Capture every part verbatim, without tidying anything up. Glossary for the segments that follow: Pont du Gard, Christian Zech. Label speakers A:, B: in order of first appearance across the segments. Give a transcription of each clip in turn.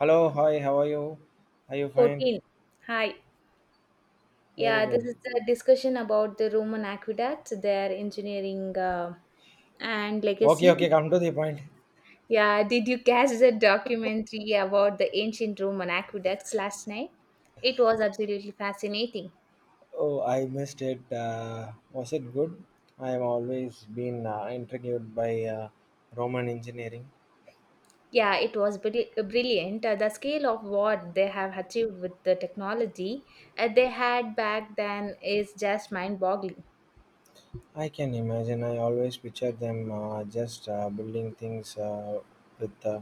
A: Hello, hi, how are you? Are you fine?
B: fourteen. Hi.
A: Very
B: Yeah, this
A: good.
B: is a discussion about the Roman aqueducts, their engineering, uh, and
A: Okay,
B: legacy.
A: okay, come to the point.
B: Yeah, did you catch the documentary about the ancient Roman aqueducts last night? It was absolutely fascinating.
A: Oh, I missed it. Uh, was it good? I have always been uh, intrigued by uh, Roman engineering.
B: Yeah, it was bri- brilliant. Uh, the scale of what they have achieved with the technology uh, they had back then is just mind boggling.
A: I can imagine. I always picture them uh, just uh, building things uh, with uh,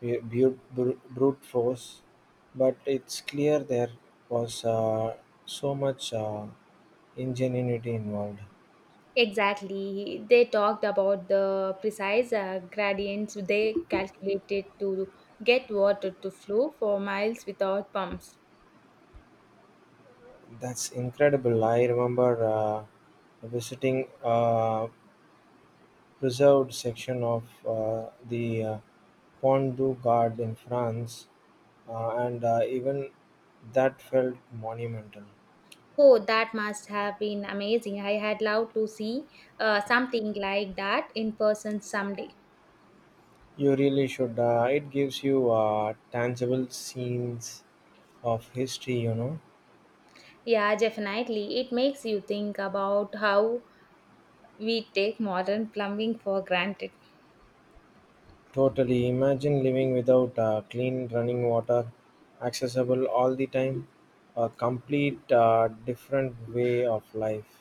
A: bu- bu- bru- brute force, but it's clear there was uh, so much uh, ingenuity involved.
B: Exactly. They talked about the precise uh, gradients they calculated to get water to flow for miles without pumps.
A: That's incredible. I remember. Uh, Visiting a preserved section of uh, the uh, Pont du Gard in France, uh, and uh, even that felt monumental.
B: Oh, that must have been amazing. I had loved to see uh, something like that in person someday.
A: You really should. Uh, it gives you uh, tangible scenes of history, you know.
B: Yeah, definitely. It makes you think about how we take modern plumbing for granted.
A: Totally. Imagine living without uh, clean running water, accessible all the time, a complete uh, different way of life.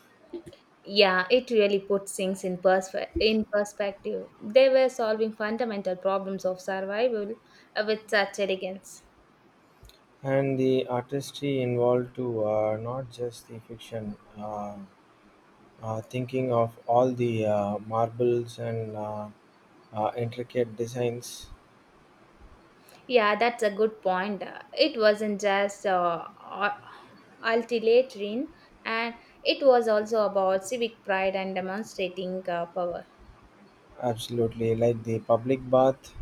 B: Yeah, it really puts things in perspe- in perspective. They were solving fundamental problems of survival uh, with such elegance.
A: And the artistry involved too, uh, not just the fiction. Uh, uh, thinking of all the uh, marbles and uh, uh, intricate designs,
B: Yeah, that's a good point. Uh, It wasn't just uh, uh, ultimatarian, and it was also about civic pride and demonstrating uh, power.
A: absolutely, like the public bath,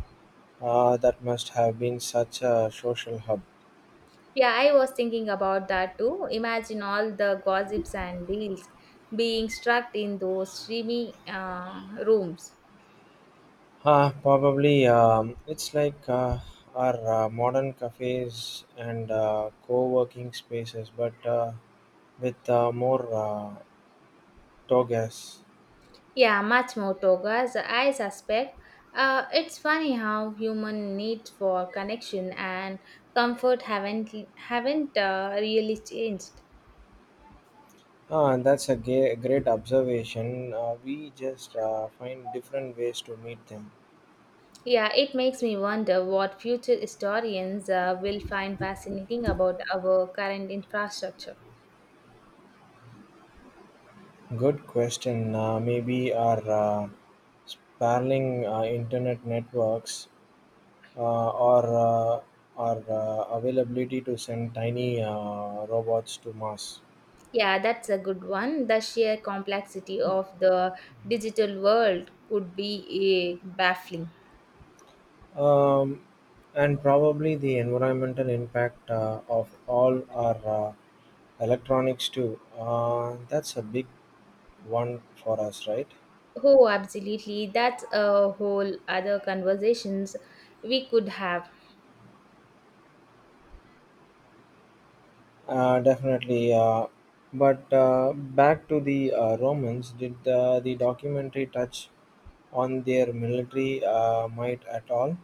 A: uh, that must have been such a social hub.
B: Yeah, I was thinking about that too. Imagine all the gossips and deals being struck in those streamy uh, rooms.
A: Uh, probably, um, it's like uh, our uh, modern cafes and uh, co working spaces, but uh, with uh, more uh, togas.
B: Yeah, much more togas, I suspect. Uh, it's funny how human need for connection and comfort haven't haven't uh, really changed.
A: Ah, and that's a ga- great observation. Uh, we just uh, find different ways to meet them.
B: Yeah, it makes me wonder what future historians uh, will find fascinating about our current infrastructure.
A: Good question. Uh, maybe our uh, sprawling uh, internet networks uh, or uh, our uh, availability to send tiny uh, robots to Mars.
B: Yeah, that's a good one. The sheer complexity of the digital world could be uh, baffling.
A: Um, and probably the environmental impact uh, of all our uh, electronics too. Uh, that's a big one for us, right?
B: Oh, absolutely. That's a whole other conversations we could have.
A: Uh, definitely. Uh, but uh, back to the uh, Romans, did the, the documentary touch on their military uh, might at all?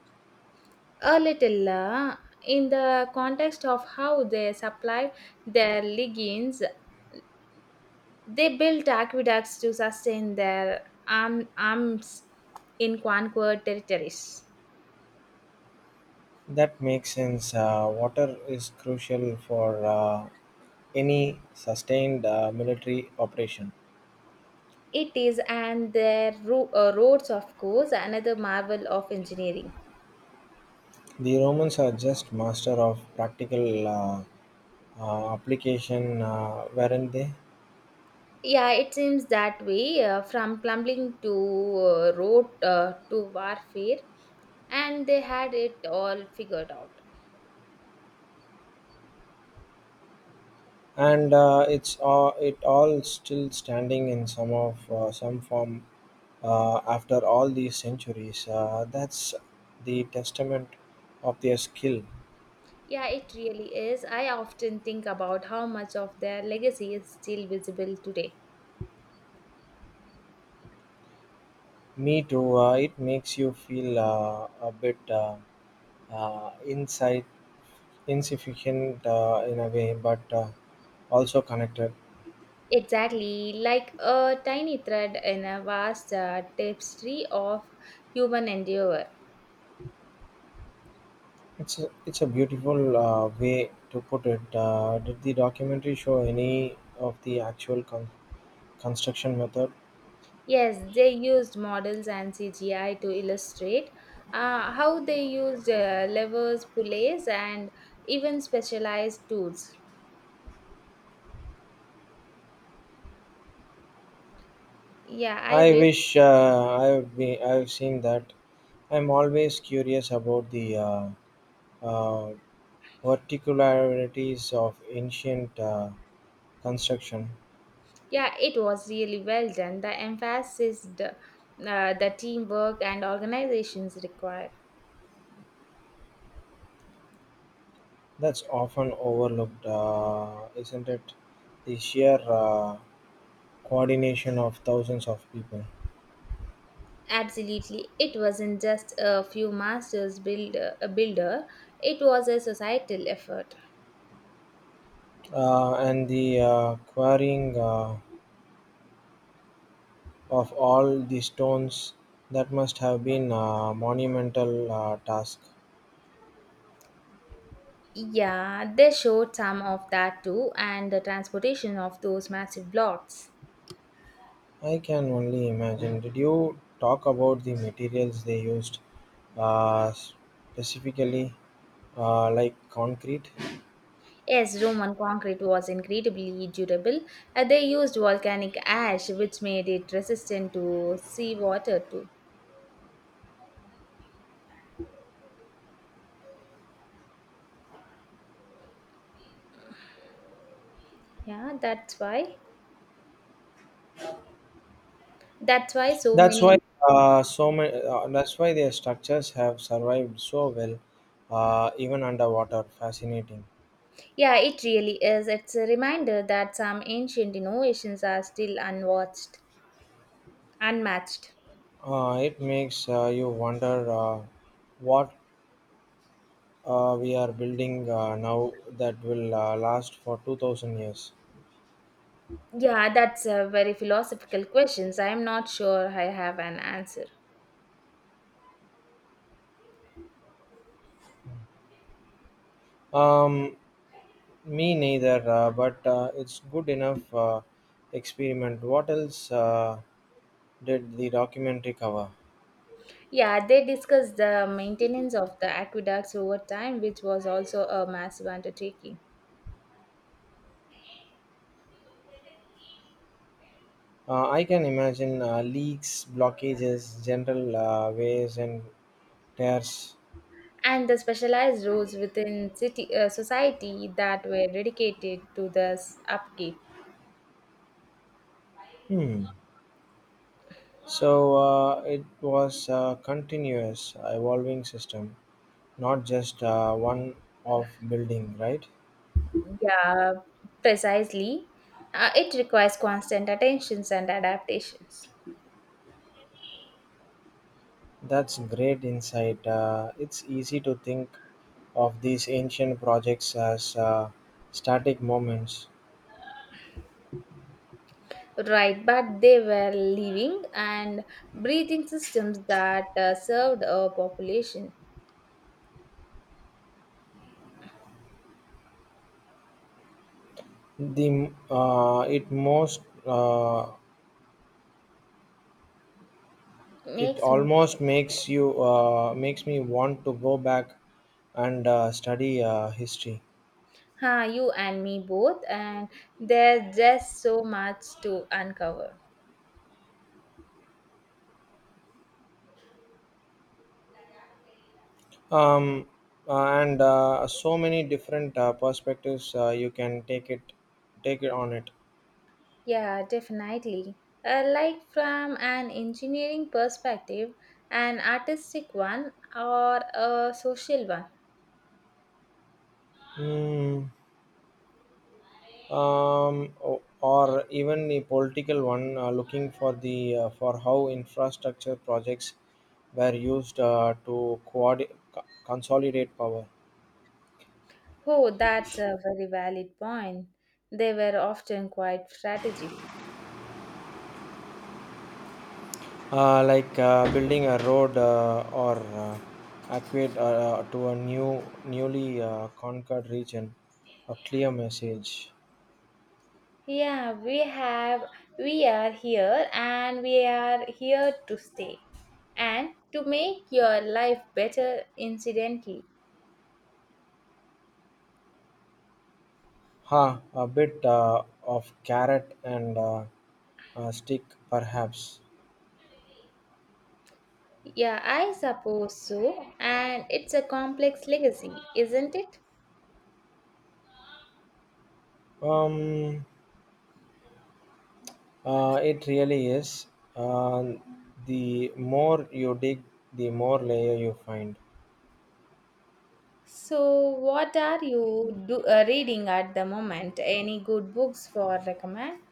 B: A little, uh, in the context of how they supplied their legions, they built aqueducts to sustain their arm, arms in conquered territories.
A: That makes sense. Uh, water is crucial for uh, any sustained uh, military operation.
B: It is, and their ro- uh, roads, of course, another marvel of engineering.
A: The Romans are just master of practical uh, uh, application, uh, weren't they?
B: Yeah, it seems that way uh, from plumbing to uh, road uh, to warfare, and they had it all figured out.
A: and uh, it's uh, it all still standing in some of uh, some form uh, after all these centuries. Uh, that's the testament of their skill.
B: Yeah, it really is. I often think about how much of their legacy is still visible today.
A: Me too. Uh, it makes you feel uh, a bit uh, uh, inside insufficient uh, in a way, but uh, also connected.
B: Exactly, like a tiny thread in a vast uh, tapestry of human endeavor.
A: It's a, it's a beautiful uh, way to put it. Uh, did the documentary show any of the actual con- construction method?
B: Yes, they used models and C G I to illustrate uh, how they used uh, levers, pulleys, and even specialized tools. Yeah, I
A: I
B: wish.
A: wish uh, I've been, I've seen that. I'm always curious about the uh, uh, particularities of ancient uh, construction.
B: Yeah, it was really well done. The emphasis, the, uh, the teamwork, and organizations required.
A: That's often overlooked, uh, isn't it? The sheer uh, coordination of thousands of people
B: Absolutely, it wasn't just a few masters build a builder. It was a societal effort.
A: uh, and the uh, quarrying uh, of all the stones that must have been a monumental uh, task.
B: Yeah, they showed some of that too, and the transportation of those massive blocks.
A: I can only imagine. Did you talk about the materials they used, uh, specifically uh, like concrete?
B: Yes, Roman concrete was incredibly durable. Uh, they used volcanic ash, which made it resistant to seawater too. Yeah, that's why. That's why so
A: That's
B: many.
A: why uh, so many. Uh, that's why their structures have survived so well, uh, even underwater. Fascinating.
B: Yeah, it really is. It's a reminder that some ancient innovations are still unwatched, unmatched.
A: Uh, it makes uh, you wonder uh, what uh, we are building uh, now that will uh, last for two thousand years.
B: Yeah, that's a very philosophical questions. I'm not sure I have an answer.
A: Um, Me neither, uh, but uh, it's good enough uh, experiment. What else uh, did the documentary cover?
B: Yeah, they discussed the maintenance of the aqueducts over time, which was also a massive undertaking,
A: Uh, I can imagine uh, leaks, blockages, general uh, waves, and tears.
B: and the specialized roles within city uh, society that were dedicated to this upkeep.
A: Hmm. So uh, it was a continuous, evolving system, not just uh, one off building, right?
B: Yeah, precisely. Uh, it requires constant attentions and adaptations.
A: That's great insight. Uh, it's easy to think of these ancient projects as uh, static moments.
B: Right, but they were living and breathing systems that uh, served a population
A: The uh, it most uh, it
B: makes me,
A: almost makes you uh, makes me want to go back and uh, study uh, history.
B: huh? You and me both, and there's just so much to uncover.
A: Um, uh, and uh, so many different uh, perspectives uh, you can take it take it on it.
B: Yeah, definitely, uh, like from an engineering perspective, an artistic one, or a social one.
A: Mm, um, o- or even the political one uh, looking for the uh, for how infrastructure projects were used uh, to coordi- co- consolidate power.
B: Oh, that's a very valid point, they were often quite strategic.
A: uh, like uh, building a road uh, or uh, aqueduct uh, to a new newly uh, conquered region, a clear message.
B: Yeah, we have, we are here and we are here to stay, and to make your life better incidentally.
A: Huh, a bit uh, of carrot and uh, uh, stick perhaps.
B: Yeah, I suppose so. And it's a complex legacy, isn't it?
A: Um uh, it really is, uh, the more you dig the more layer you find.
B: So, what are you do, uh, reading at the moment? Any good books for recommend?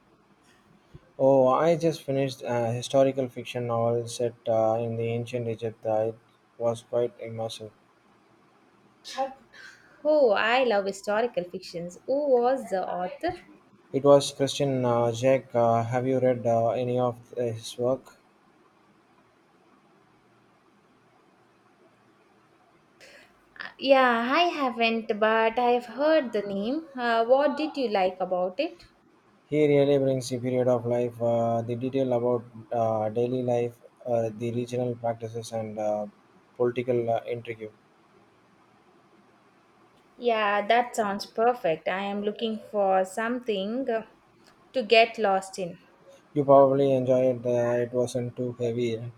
A: Oh, I just finished a historical fiction novel set uh, in the ancient Egypt. Uh, it was quite immersive.
B: Oh, I love historical fictions. Who was the author?
A: It was Christian Zech, have you read uh, any of his work?
B: Uh, Yeah, I haven't, but I've heard the name. Uh, what did you like about it?
A: He really brings the period of life, uh, the detail about uh, daily life, uh, the regional practices, and uh, political uh, intrigue.
B: Yeah, that sounds perfect. I am looking for something uh, to get lost in.
A: You probably enjoyed it. Uh, it wasn't too heavy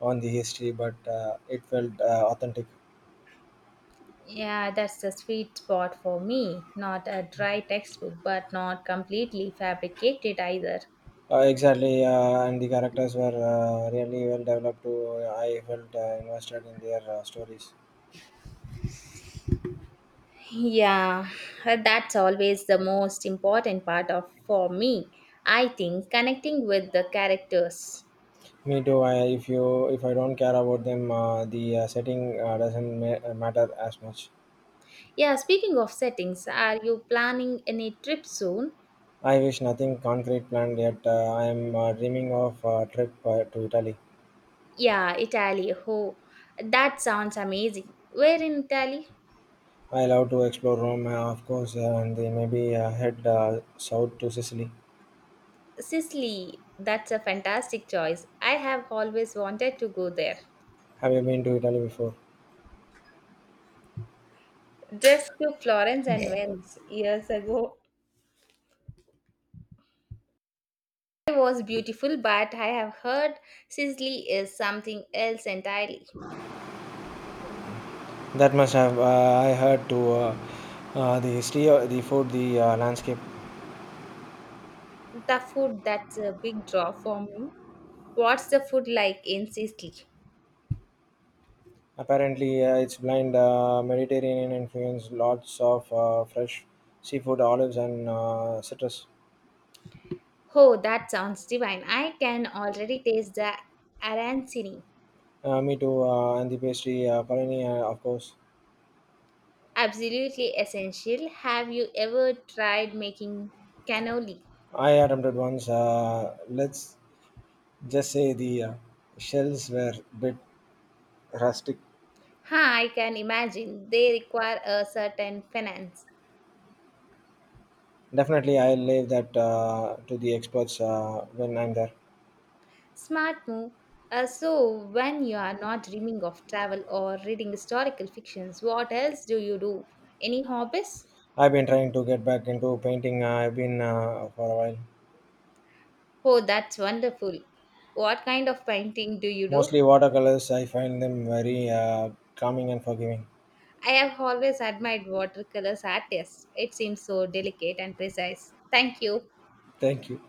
A: on the history, but uh, it felt uh, authentic.
B: Yeah, that's the sweet spot for me. Not a dry textbook, but not completely fabricated either.
A: Uh, exactly, uh, and the characters were uh, really well developed. Too. I felt uh, invested in their uh, stories.
B: Yeah, uh, that's always the most important part of for me. I think connecting with the characters.
A: Me too. I, if you if I don't care about them, uh, the uh, setting uh, doesn't ma- uh, matter as much.
B: Yeah, speaking of settings, are you planning any trip soon?
A: I wish, nothing concrete planned yet. Uh, I am uh, dreaming of a trip uh, to Italy.
B: Yeah, Italy. Oh, that sounds amazing. Where in Italy?
A: I love to explore Rome, uh, of course, uh, and then maybe uh, head uh, south to Sicily.
B: Sicily. That's a fantastic choice. I have always wanted to go there.
A: Have you been to Italy before?
B: Just to Florence and Venice years ago. It was beautiful, but I have heard Sicily is something else entirely.
A: That must have. Uh, I heard to uh, uh, the history, uh, the food, the uh, landscape.
B: The food, that's a big draw for me. What's the food like in Sicily?
A: Apparently, uh, its blind uh, Mediterranean influence, lots of uh, fresh seafood, olives, and uh, citrus.
B: Oh, that sounds divine. I can already taste the arancini.
A: Uh, me too, uh, and the pastry, uh, panini, uh, of course.
B: Absolutely essential. Have you ever tried making cannoli?
A: I attempted once. Uh, let's just say the uh, shells were a bit rustic.
B: Huh, I can imagine. They require a certain finance.
A: Definitely, I'll leave that uh, to the experts uh, when I'm there.
B: Smart move. Uh, so, when you are not dreaming of travel or reading historical fictions, what else do you do? Any hobbies?
A: I've been trying to get back into painting. Uh, I've been uh, for a while.
B: Oh, that's wonderful. What kind of painting do you do?
A: Mostly watercolors. I find them very uh, calming and forgiving.
B: I have always admired watercolors artists. It seems so delicate and precise. Thank you.
A: Thank you.